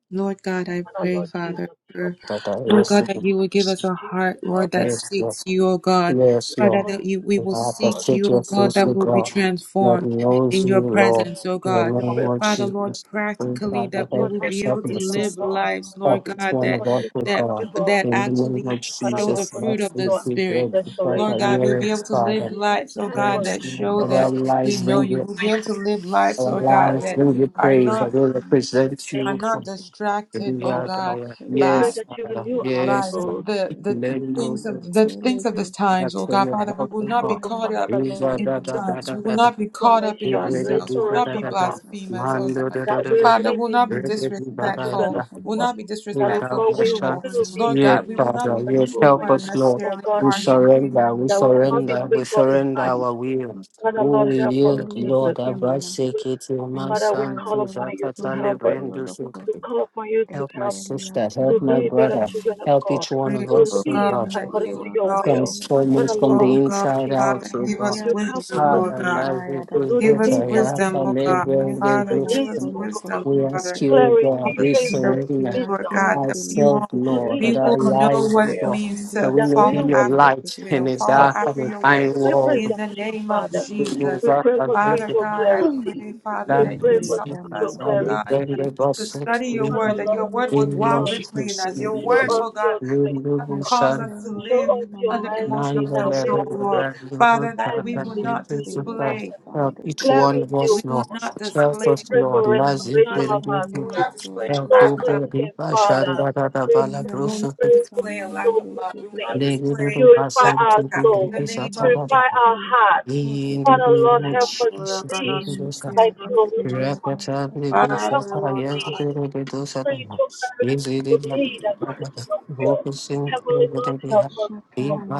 S3: Lord God, I
S5: Our
S3: pray,
S5: Lord Jesus,
S3: Father,
S5: help
S3: for-
S5: us.
S3: Lord God, that you will give us a
S5: Jesus,
S3: heart,
S5: help
S3: Lord,
S5: us.
S3: that
S1: Yes, Lord.
S3: seeks you, O God.
S1: Yes,
S3: Father,
S1: Lord.
S3: that
S5: spiritually
S3: you, we
S1: We
S5: move
S3: will
S1: have the
S5: God.
S3: seek you,
S1: city
S3: O
S1: of
S3: God,
S1: faithful
S3: that will be
S1: God that
S3: transformed
S1: knows
S3: in
S1: you,
S3: your
S1: Lord.
S3: presence, O
S1: In the
S3: God.
S5: We pray
S1: name of
S5: for
S3: Father, Lord,
S1: Jesus, we have
S3: practically
S1: the
S3: that we
S5: spiritual
S1: help
S3: will
S1: us
S3: be
S1: help
S3: able to
S1: the
S5: transformation, oh
S3: live
S1: system.
S5: God.
S3: lives, Lord
S1: Help us
S3: God,
S5: Pray
S1: one
S3: that
S1: of
S5: for
S1: us, O
S5: spiritual
S3: that
S1: God.
S5: favor.
S3: that
S1: In the name
S3: actually
S1: of
S5: God, I
S3: show
S5: love
S3: the
S1: Jesus,
S5: for
S3: fruit
S1: let's
S3: of the
S5: spiritual
S1: be
S3: Spirit.
S1: great because the
S3: Lord God,
S5: restoration.
S1: year
S3: we'll
S1: is
S3: be able to live
S1: started.
S5: Jesus,
S3: lives, oh
S5: help
S3: God,
S5: us,
S1: Let's
S3: that
S1: see
S3: show
S1: our
S3: that
S5: God.
S3: we
S1: lives
S3: know
S1: bring
S3: you.
S1: you,
S3: We'll be able to live lives,
S1: our
S3: oh
S5: Pray that
S3: God,
S1: lives
S5: you
S3: that
S1: bring
S5: give
S1: you
S3: are
S5: to
S1: praise.
S3: not
S1: I
S5: the
S1: will represent
S5: thank
S3: I'm
S1: you.
S5: you,
S3: not
S5: Jesus,
S3: distracted,
S1: Yes,
S3: oh
S5: Lord.
S3: God,
S1: Father.
S5: We pray
S3: by
S1: Yes,
S5: that you
S1: Father.
S5: renew our
S3: by
S1: Yes,
S3: the,
S5: souls.
S3: the
S4: Mate
S3: the
S4: fa
S3: things
S1: Lord.
S3: of the things of
S4: amateleke
S3: this times,
S1: That's
S3: oh
S1: the
S3: God,
S1: way
S3: Father, we
S1: help
S3: will
S1: of
S3: not be
S5: Help
S1: God.
S5: us,
S4: samaya
S3: caught up
S5: Father,
S1: Is a
S4: lakanda
S5: Lord.
S3: in
S1: da
S3: the
S4: kana
S1: da da
S3: times.
S1: da
S3: We
S4: masi
S3: will
S1: da da.
S3: not be caught up in
S1: Is
S5: Transformation,
S1: a do
S3: ourselves.
S1: do
S3: We will
S4: masi
S1: da
S3: not
S1: da
S5: restoration
S4: kana
S3: be
S1: da
S5: of
S1: da.
S5: us.
S4: masa kanamasa
S3: blasphemers, oh
S1: Man
S4: teleke
S1: do
S3: God.
S1: do do
S5: That
S1: do
S5: we
S1: do.
S5: will
S3: Father,
S5: be
S3: we will not be
S1: Is a do da
S5: the
S1: da da
S5: children
S4: masi
S3: disrespectful.
S4: kana masi
S5: of
S1: da.
S3: We
S4: kana
S3: will
S5: God.
S3: not be
S4: masi
S5: That
S1: Is
S5: oh
S1: a
S3: disrespectful
S5: we
S1: bless
S5: will
S4: shana
S3: people.
S4: kana
S1: us.
S5: be
S3: Lord
S4: masi
S1: Yes,
S3: God, we will
S4: leke
S3: not
S1: Father.
S3: be
S5: the
S1: Yes,
S3: people who
S4: dede
S1: help
S3: are
S5: children.
S1: us, Lord.
S5: Oh
S3: unnecessarily
S5: God,
S1: We
S4: shana
S3: harsh in the
S5: Jesus,
S4: masi
S3: name of
S1: surrender. We
S5: that
S4: yada
S5: we will not
S4: kana
S5: be
S1: surrender.
S4: masi
S1: We
S5: spiritually
S1: surrender
S5: blind.
S1: our will.
S5: Father,
S1: Oh,
S4: mataya
S5: Lord,
S1: we
S4: la
S5: help us,
S1: yield,
S4: tolia
S1: Lord.
S5: Jesus.
S4: deke mana
S5: We,
S1: Abrasikiti, my
S5: Father, we
S1: son,
S4: emtaya
S1: to
S5: call upon
S4: tora
S5: you to
S1: Zakata
S5: help
S4: sundo
S5: us,
S4: kolo
S1: Librendu.
S4: doko
S5: to call upon you to
S1: Help my
S5: help,
S4: epelia
S1: sister.
S5: to
S1: Help my
S4: timanda
S5: be better
S1: brother.
S5: children
S4: simus
S5: of
S1: Help
S5: God,
S1: each one
S3: pray,
S1: of
S5: to
S3: oh
S1: us, oh
S4: asanda
S5: live
S3: God,
S1: God.
S3: that
S5: according
S3: you
S5: to
S3: will
S4: mokora
S5: your
S3: help.
S5: will.
S4: rasela
S1: Transform
S4: kana
S5: Father,
S1: us from
S5: Lord,
S1: the
S3: Oh
S5: we
S3: God,
S5: pray,
S1: inside
S5: Jesus,
S1: out,
S3: Father,
S4: En
S1: O
S3: give
S5: may
S1: God.
S3: us
S4: lia
S5: you help us
S3: wisdom,
S5: to,
S3: Lord
S1: Father,
S4: kaya
S3: God.
S1: love you,
S5: to do the
S3: Give us
S5: things
S4: kayadasono,
S1: I
S5: that
S1: have
S5: please
S3: wisdom, O
S1: and
S5: you,
S4: en
S3: God.
S1: every
S4: ne
S5: to
S3: Father,
S1: neighbor,
S4: la
S3: give
S5: live,
S3: us
S4: solo
S5: for
S3: wisdom,
S5: God,
S1: We ask
S3: Father.
S4: kosundeke.
S1: you, O
S3: All
S1: God,
S5: clarity,
S3: the
S1: we
S3: things that
S5: favor,
S3: we do,
S1: surrender
S3: Lord
S5: wisdom,
S4: te
S3: God, that we
S1: ourselves,
S3: will
S4: filiki
S5: to
S1: Lord,
S4: diade,
S3: we
S1: that
S5: live
S3: will
S1: our
S5: according
S3: know
S1: lives,
S3: what
S5: to
S1: O
S3: it
S5: your
S1: God,
S5: will.
S3: means
S1: that
S4: akandia
S3: to
S1: we
S5: That
S1: may be
S5: we
S3: follow
S1: your
S3: after
S5: will
S4: sondekele
S1: light
S3: your
S4: kedede,
S1: in
S3: will,
S1: a
S3: follow
S5: or
S1: dark
S5: to
S1: and
S3: after
S1: a
S3: your way.
S1: dying
S3: In
S1: world.
S5: represent
S3: the
S5: you,
S3: name of
S5: Father.
S1: We know
S3: Jesus.
S5: We
S1: that
S5: pray
S1: and
S5: for
S3: Father
S1: every
S5: spiritual
S3: God, I
S5: clarity.
S3: pray, Father,
S5: We
S3: that
S1: land
S5: pray
S3: you
S1: is
S4: katakele
S5: for
S3: help
S1: secret,
S3: us,
S5: spiritual
S3: oh
S4: kamanas.
S1: and we
S3: God,
S5: clarity,
S1: bring
S3: to,
S1: the
S5: Jesus.
S3: to
S1: gospel to
S3: study your word,
S1: you.
S5: Father,
S3: that your
S5: Lord,
S4: Asimane
S3: word will
S4: kele
S1: In
S3: dwell
S5: God,
S4: rede
S3: richly in us.
S4: kele
S3: Your
S5: show
S3: word,
S4: kede,
S5: us
S3: oh God,
S5: your grace.
S3: will not
S5: God.
S1: Jesus.
S3: cause us to
S4: akayala
S5: Show
S3: live
S5: us your
S3: under
S4: sonamasi
S3: emotional
S5: mercy that
S4: kanamas.
S1: Nonetheless,
S5: we
S3: control,
S5: will
S1: the
S3: Lord.
S5: be
S1: brand new work
S3: Father, that
S5: life
S1: that
S3: we
S1: I
S3: will
S5: with
S1: give
S3: not
S4: Sanamasi
S5: you,
S4: leki
S3: display
S5: Father.
S1: Help each
S4: vandeke
S1: one of
S4: manas.
S5: Clarity, O
S3: we
S1: us,
S3: will
S1: Lord.
S5: God.
S3: not
S1: Help
S3: display,
S5: We
S1: us,
S5: pray
S3: we
S1: Lord.
S5: for
S1: Let's
S3: will
S4: Sanamasi
S3: not,
S5: restoration
S3: dis-
S5: of
S1: impend you
S5: our
S3: we will not
S5: soul.
S4: kanamasu
S3: display
S1: help
S5: Soul
S1: who
S3: lack of,
S1: go
S4: lokosundike.
S1: deep.
S5: cleansing,
S1: I shan't
S3: um,
S1: da da da
S5: Father
S1: bala
S3: we will not
S1: brusu.
S3: display
S4: Sangalakasana
S3: a
S5: soul
S3: lack of
S5: to
S3: love.
S5: the
S3: We will
S4: malekeleleke
S3: not
S5: saint.
S1: They give you
S3: display
S1: the
S5: Purify
S3: lack
S1: basan
S3: of
S1: to
S5: our
S1: be
S3: tact.
S1: the
S5: soul.
S3: In the
S1: peace of
S3: name of Jesus.
S1: Tabata.
S5: Purify our hearts.
S1: In the
S5: Father, Lord,
S1: name of
S4: ekemanasulukutudidiyateye
S5: help us to
S3: Father,
S1: Jesus, we
S5: lead
S1: bless
S5: like
S1: you.
S5: you are with us.
S1: Rakata
S4: empiyatekeliyadosa
S1: de
S5: Father, help us
S1: Busata,
S5: to
S3: Lord
S1: yes,
S3: God.
S1: we
S5: lead.
S1: will do
S5: Pray
S1: something.
S5: to us
S1: We will
S5: to
S1: do
S5: lead according to
S1: something.
S5: your
S1: Who
S5: will.
S1: will sing to
S5: Heavenly
S1: the Lady
S5: Lord,
S1: Dosata, Lizzie We Bakata, Bokusin, the
S5: help
S1: Beha,
S5: us, Lord.
S1: Eva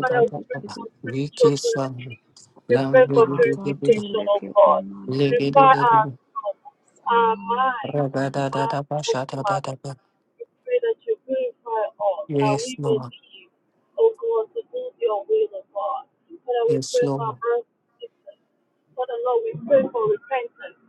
S5: Father, we pray for spiritual
S1: Viki San,
S5: clarity. We
S1: Lam
S5: pray for
S1: Legate,
S5: purification, of
S4: atatelekete
S5: God.
S4: manadake
S5: Purify our
S1: Legate,
S5: soul, our
S4: samanaka
S5: mind,
S1: Ragada
S5: our
S1: da
S5: soul,
S1: Bashata da
S5: Father.
S1: da ba.
S5: We pray that you purify us, that
S1: Yes,
S5: we may
S1: Lord,
S5: live, O God, to do your will, O God. Father, we
S1: yes,
S5: pray for our
S1: Lord,
S5: brothers and sisters. Father, Lord, we pray for repentance.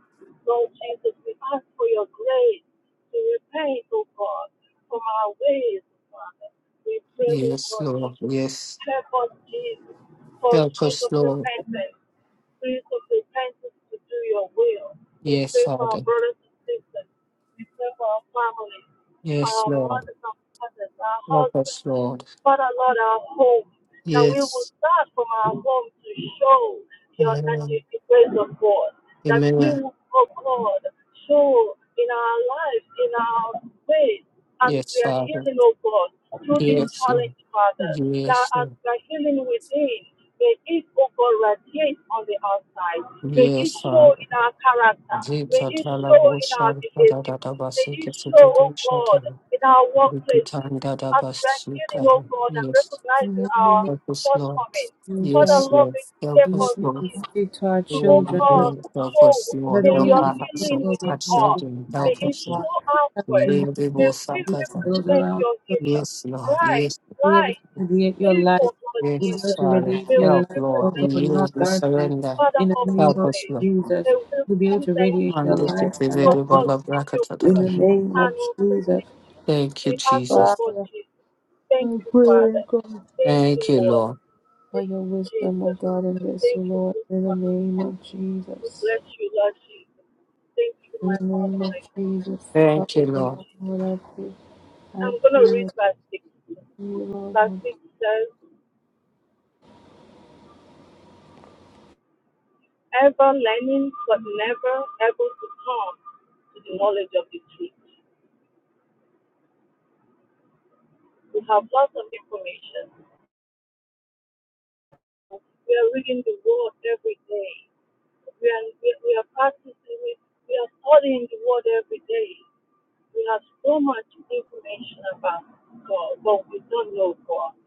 S5: Lord Jesus, we ask for your grace to repent, O God, from our ways, O Father. We pray, O
S1: yes,
S5: God,
S1: Lord,
S5: Jesus.
S1: yes.
S5: Help us, Jesus, for a
S1: Help
S5: spirit
S1: us,
S5: of
S1: Lord,
S5: repentance, spirit of repentance to do your will. We
S1: yes,
S5: pray for our
S1: Father,
S5: brothers and sisters. We pray for our family,
S1: yes,
S5: our
S1: Lord,
S5: mothers and fathers, our
S1: help
S5: husbands.
S1: us, Lord,
S5: Father Lord, our home, that we will
S1: yes.
S5: start from our home to show your, that
S1: Amen.
S5: you, the praise of God, that we
S1: Amen.
S5: will, oh God, show in our lives, in our ways, as
S1: Yes,
S5: we are
S1: Father.
S5: healing, oh God, through this
S1: Yes, Lord.
S5: challenge, Father, that
S1: Yes,
S5: as
S1: Lord.
S5: we are healing within, may it, oh God, radiate on the outside. May it
S1: Yes,
S5: show
S1: Father.
S5: in our character. May
S1: Zita
S5: it
S1: tala
S5: show in our
S1: bosha da
S5: behavior
S1: da da
S5: places. May
S1: basi
S5: you
S1: kesi
S5: show,
S1: da
S5: oh
S1: da shata.
S5: God, in our workplaces,
S1: Rikutan da da
S5: as we are
S1: basi
S5: healing, oh
S1: kara.
S5: God, and
S1: Yes.
S3: In
S5: recognizing
S3: the name
S5: our
S3: of
S1: Help us, Lord.
S5: shortcomings.
S3: you,
S5: Father,
S1: Yes,
S3: Father,
S5: Lord,
S1: Lord.
S5: may you
S1: Help
S5: help
S3: even if
S1: us,
S5: us,
S1: Lord.
S3: we
S5: Jesus,
S3: speak to our
S5: to, oh
S1: Oh,
S3: children, Lord,
S5: God,
S1: Lord, help us,
S5: show,
S3: let
S1: Lord.
S3: the
S5: may
S1: Help
S3: way
S5: your
S3: we
S1: our
S3: speak,
S5: healing
S1: household,
S3: Lord
S5: within
S1: our
S3: God, will be
S5: us,
S1: children.
S3: the
S5: may
S3: life
S1: Help
S3: of
S5: it
S1: us, Lord.
S3: God.
S5: show outward.
S3: Everything that
S1: Lady
S5: May we
S3: we do to
S1: Bosakata.
S3: those
S5: represent
S3: around
S5: your healing.
S3: us,
S1: Yes, Lord.
S5: Right,
S1: Yes,
S3: be able to
S5: light,
S3: radiate your light.
S5: faithful, Lord
S3: we be able
S1: Yes,
S5: Jesus.
S3: to
S1: Father.
S3: radiate
S5: May
S3: your
S5: we
S1: Help,
S3: light,
S1: Lord.
S3: oh
S5: represent
S1: We
S3: God, not
S1: yield, we
S5: you.
S3: darkness.
S1: surrender.
S5: Father
S3: In the
S5: of
S3: name
S1: Help
S3: of
S1: us,
S5: prayer,
S1: Lord.
S5: we
S3: Jesus,
S5: will
S3: to be able to
S5: present
S3: radiate your
S5: you,
S1: Mande
S5: this
S1: te
S3: light
S1: te
S3: and
S1: te
S5: so
S3: not
S1: te ba
S5: God,
S3: darkness.
S1: ba
S5: keep
S1: bra ka
S5: your
S1: ta ta
S3: In
S5: word,
S1: ta.
S3: the name
S5: and
S3: of
S5: we will
S3: Jesus,
S5: present you.
S1: Thank you,
S5: We ask, oh
S1: Jesus.
S5: God,
S3: Father,
S5: Jesus. Thank
S3: I
S5: you,
S3: pray
S5: Father.
S3: God,
S5: Thank you,
S1: Thank you,
S5: Lord.
S1: Lord.
S3: for
S5: Thank
S3: your
S5: you,
S3: wisdom, oh
S5: Jesus.
S3: God, and this, oh
S5: Thank you,
S3: Lord,
S5: good
S3: in the
S5: Father.
S3: name of
S5: We
S3: Jesus.
S5: bless you, Lord Jesus. Thank you,
S3: In
S5: my
S3: the
S5: Father,
S3: name of
S5: my God.
S3: Jesus, Father,
S1: Thank you,
S5: Thank you,
S3: Lord,
S1: Lord.
S5: Jesus.
S3: I pray, I
S5: I'm going
S3: pray,
S5: to read
S3: with
S5: verse 6.
S3: you, Lord.
S5: Verse 6 says, Ever learning but never able to come to the knowledge of the truth. We have lots of information. We are reading the word every day. We are, we are we are practicing it. We are studying the word every day. We have so much information about God, but we don't know God.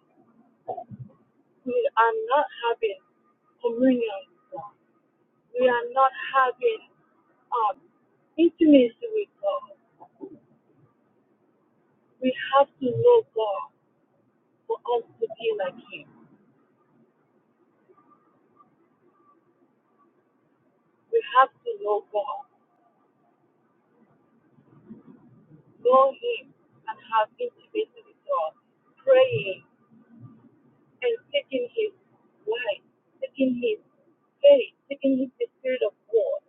S5: We are not having communion with God. We are not having um, intimacy with God. We have to know God. for us to be like Him. We have to know God, know Him, and have intimacy with God, praying and taking His light, taking His faith, taking His the Spirit of God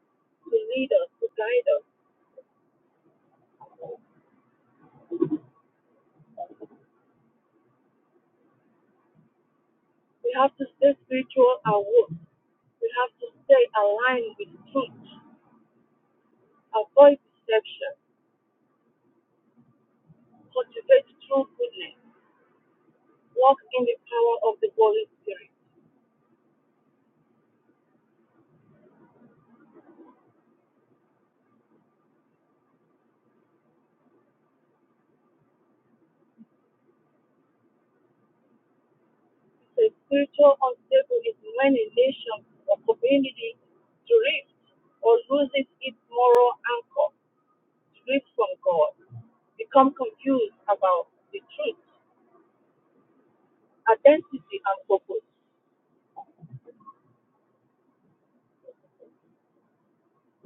S5: to lead us, to guide us. We have to stay spiritual and awoke. We have to stay aligned with truth, avoid deception, cultivate true goodness, walk in the power of the Holy Spirit. So spiritual unstable is when a nation or community drifts or loses its moral anchor, drifts from God, become confused about the truth, identity, and purpose.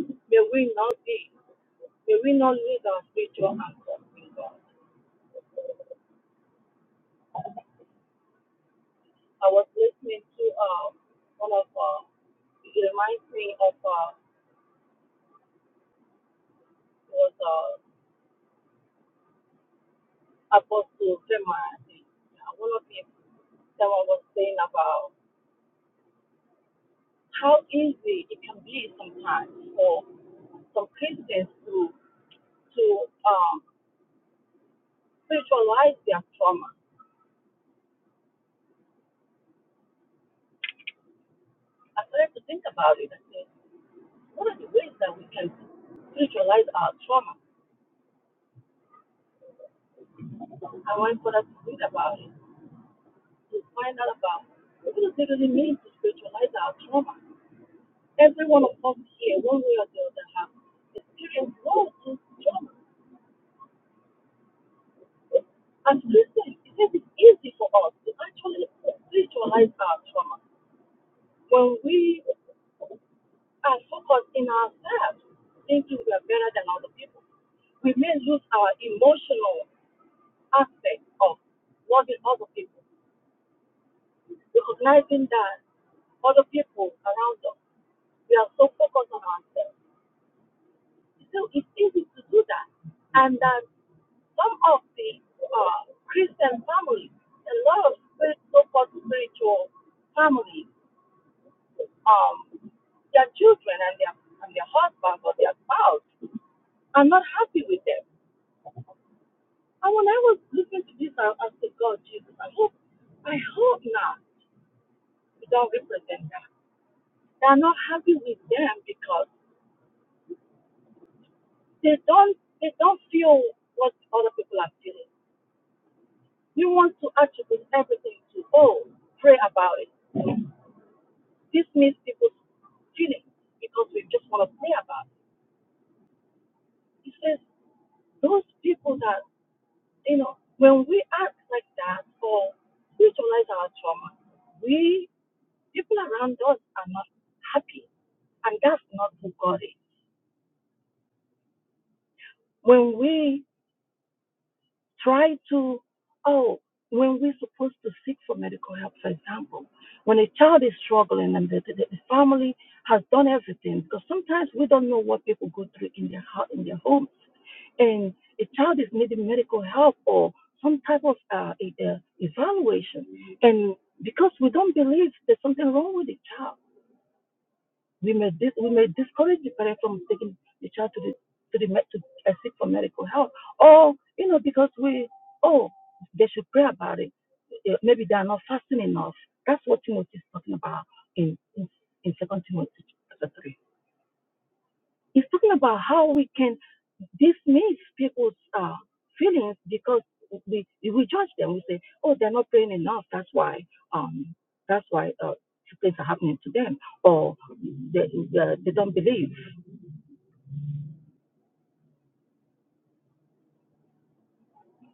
S5: May we not be, may we not lose our spiritual anchor in God. I was listening to uh, one of, uh, it reminds me of, uh, was uh, Apostle Fema, I think. Yeah, one of his someone was saying about how easy it can be sometimes for some Christians to to um, spiritualize their trauma. I started to think about it. I said, what are the ways that we can spiritualize our trauma? I went further to think about it to find out about what does it really mean to spiritualize our trauma. Every one of us here, one way or the other, have experienced loss and trauma. As Christians, it is easy for us to actually visualize our trauma when we are focused in ourselves, thinking we are better than other people. We may lose our emotional aspect of loving other people, recognizing that other people around us, we are so focused on ourselves. So it's easy to do that. And that some of the uh, Christian families, a lot of so-called spiritual families, um, their children and their and their husbands or their spouse are not happy with them. And when I was listening to this, I, I said, God, Jesus, I hope, I hope not. We don't represent that. They are not happy with them because they don't they don't feel what other people are feeling. You want to attribute everything to, oh, pray about it. This means people's feelings because we just want to pray about it. He says, those people that, you know, when we act like that or visualize our trauma, we, people around us are not happy. And that's not who God is. When we try to oh when we're supposed to seek for medical help for example when a child is struggling and the, the, the family has done everything because sometimes we don't know what people go through in their hou- in their homes and a child is needing medical help or some type of uh, e- uh, evaluation and because we don't believe there's something wrong with the child we may dis- we may discourage the parent from taking the child to the to the med- to uh, seek for medical help, or you know because we oh they should pray about it. Eh, Maybe they are not fasting enough. That's what Timothy is talking about in in, in Second Timothy chapter three. He's talking about how we can dismiss people's uh, feelings because we we judge them. We say oh they're not praying enough. That's why um that's why uh, things are happening to them or they, they, they don't believe.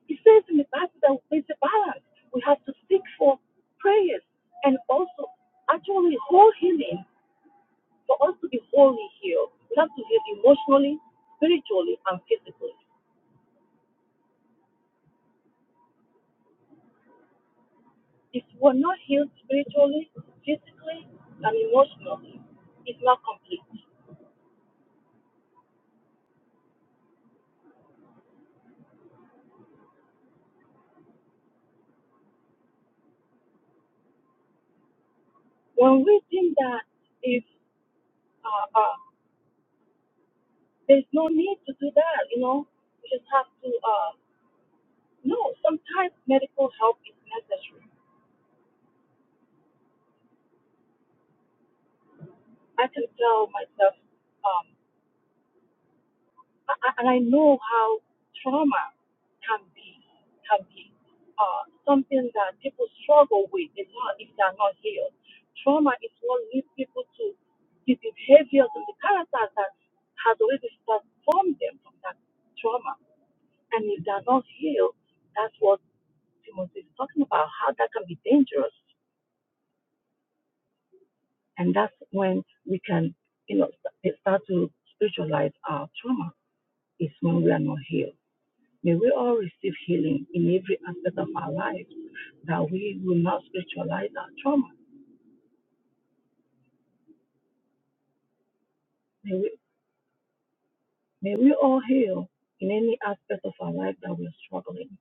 S5: It says in the Bible that it's a balance. We have to seek for prayers and also actually whole healing for us to be wholly healed. We have to heal emotionally, spiritually, and physically. If we're not healed spiritually, physically, and emotionally, it's not complete. When we think that if uh, uh, there's no need to do that, you know, we just have to uh, no. Sometimes medical help is necessary. I can tell myself um, I- I- and I know how trauma can be can be uh, something that people struggle with if not if they are not healed. Trauma is what leads people to the behaviors and the characters that has already transformed them from that trauma. And if they are not healed, that's what Timothy is talking about. How that can be dangerous, and that's when we can you know st- start to spiritualize our trauma. Is when we are not healed. May we all receive healing in every aspect of our lives, that we will not spiritualize our trauma. May we, may we all heal in any aspect of our life that we're struggling.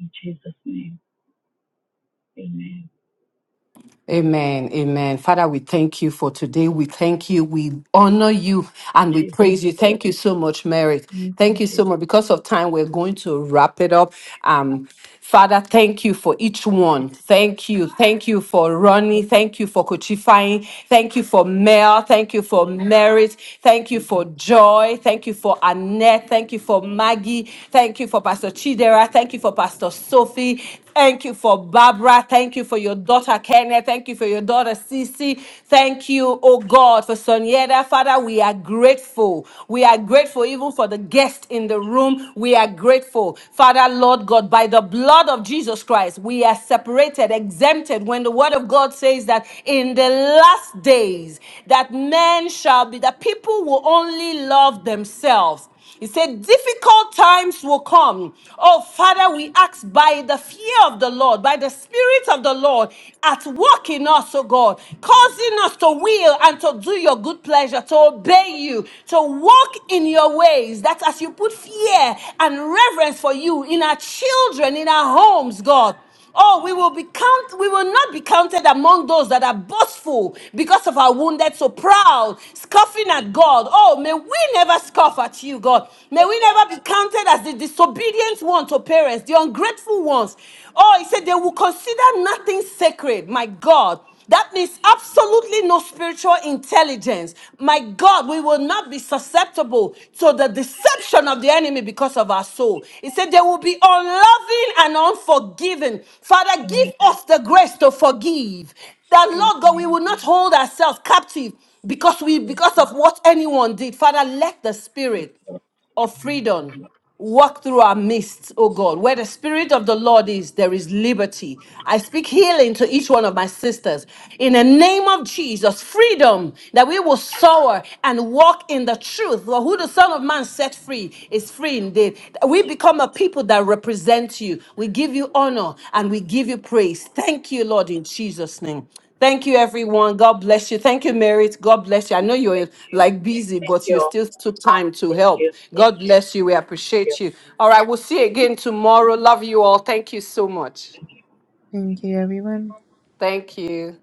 S5: In Jesus' name, amen.
S1: Amen. Amen. Father, we thank you for today. We thank you. We honor you and we
S5: Jesus,
S1: praise you.
S5: for your
S1: Thank you so much, Mary. Thank you
S5: Jesus,
S1: so much. Because of time, we're going to wrap it up.
S5: uh,
S1: Um, Father, thank you for each one. Thank you. Thank you for Ronnie.
S5: Jesus,
S1: Thank you for Kochifying. Thank you for Mel. Thank you for Merit. Thank you for Joy. Thank you for Annette. Thank you for Maggie. Thank you for Pastor Chidera. Thank you for Pastor Sophie. Thank you for Barbara. Thank you for your daughter, Kenneth. Thank you for your daughter, Cece. Thank you, oh God, for Sonieda. Father, we are grateful. We are grateful even for the guest in the room. We are grateful. Father, Lord God, by the blood of Jesus Christ, we are separated, exempted. When the word of God says that in the last days, that men shall be, that people will only love themselves. He said, difficult times will come. Oh, Father, we ask by the fear of the Lord, by the Spirit of the Lord, at work in us, oh God, causing us to will and to do your good pleasure, to obey you, to walk in your ways. That's as you put fear and reverence for you in our children, in our homes, God. Oh, we will be count. We will not be counted among those that are boastful because of our wounded, so proud, scoffing at God. Oh, may we never scoff at you, God. May we never be counted as the disobedient ones to parents, the ungrateful ones. Oh, he said they will consider nothing sacred. My God. That means absolutely no spiritual intelligence. My God, we will not be susceptible to the deception of the enemy because of our soul. He said they will be unloving and unforgiving. Father,
S5: amen.
S1: give us the grace to forgive. That Lord God, we
S5: Amen.
S1: will not hold ourselves captive because we
S5: Yes,
S1: because of what anyone did. Father, let the spirit
S5: Lord.
S1: of freedom walk through our midst, oh God. Where the Spirit of the Lord is, there is liberty. I speak healing to each one of my sisters. In the name of Jesus, freedom that we will soar and walk in the truth. For who the Son of Man set free is free indeed. We become a people that represent you. We give you honor and we give you praise. Thank you, Lord, in Jesus' name. Thank you, everyone. God bless you. Thank you, Merit. God bless you. I know you're
S5: Thank you.
S1: like busy,
S5: Thank
S1: but
S5: you
S1: you
S5: all.
S1: still took time to
S5: Thank
S1: help.
S5: you.
S1: God bless you. We appreciate you. All right, we'll see you again tomorrow. Love you all. Thank you so much.
S3: Thank you, everyone.
S1: Thank you.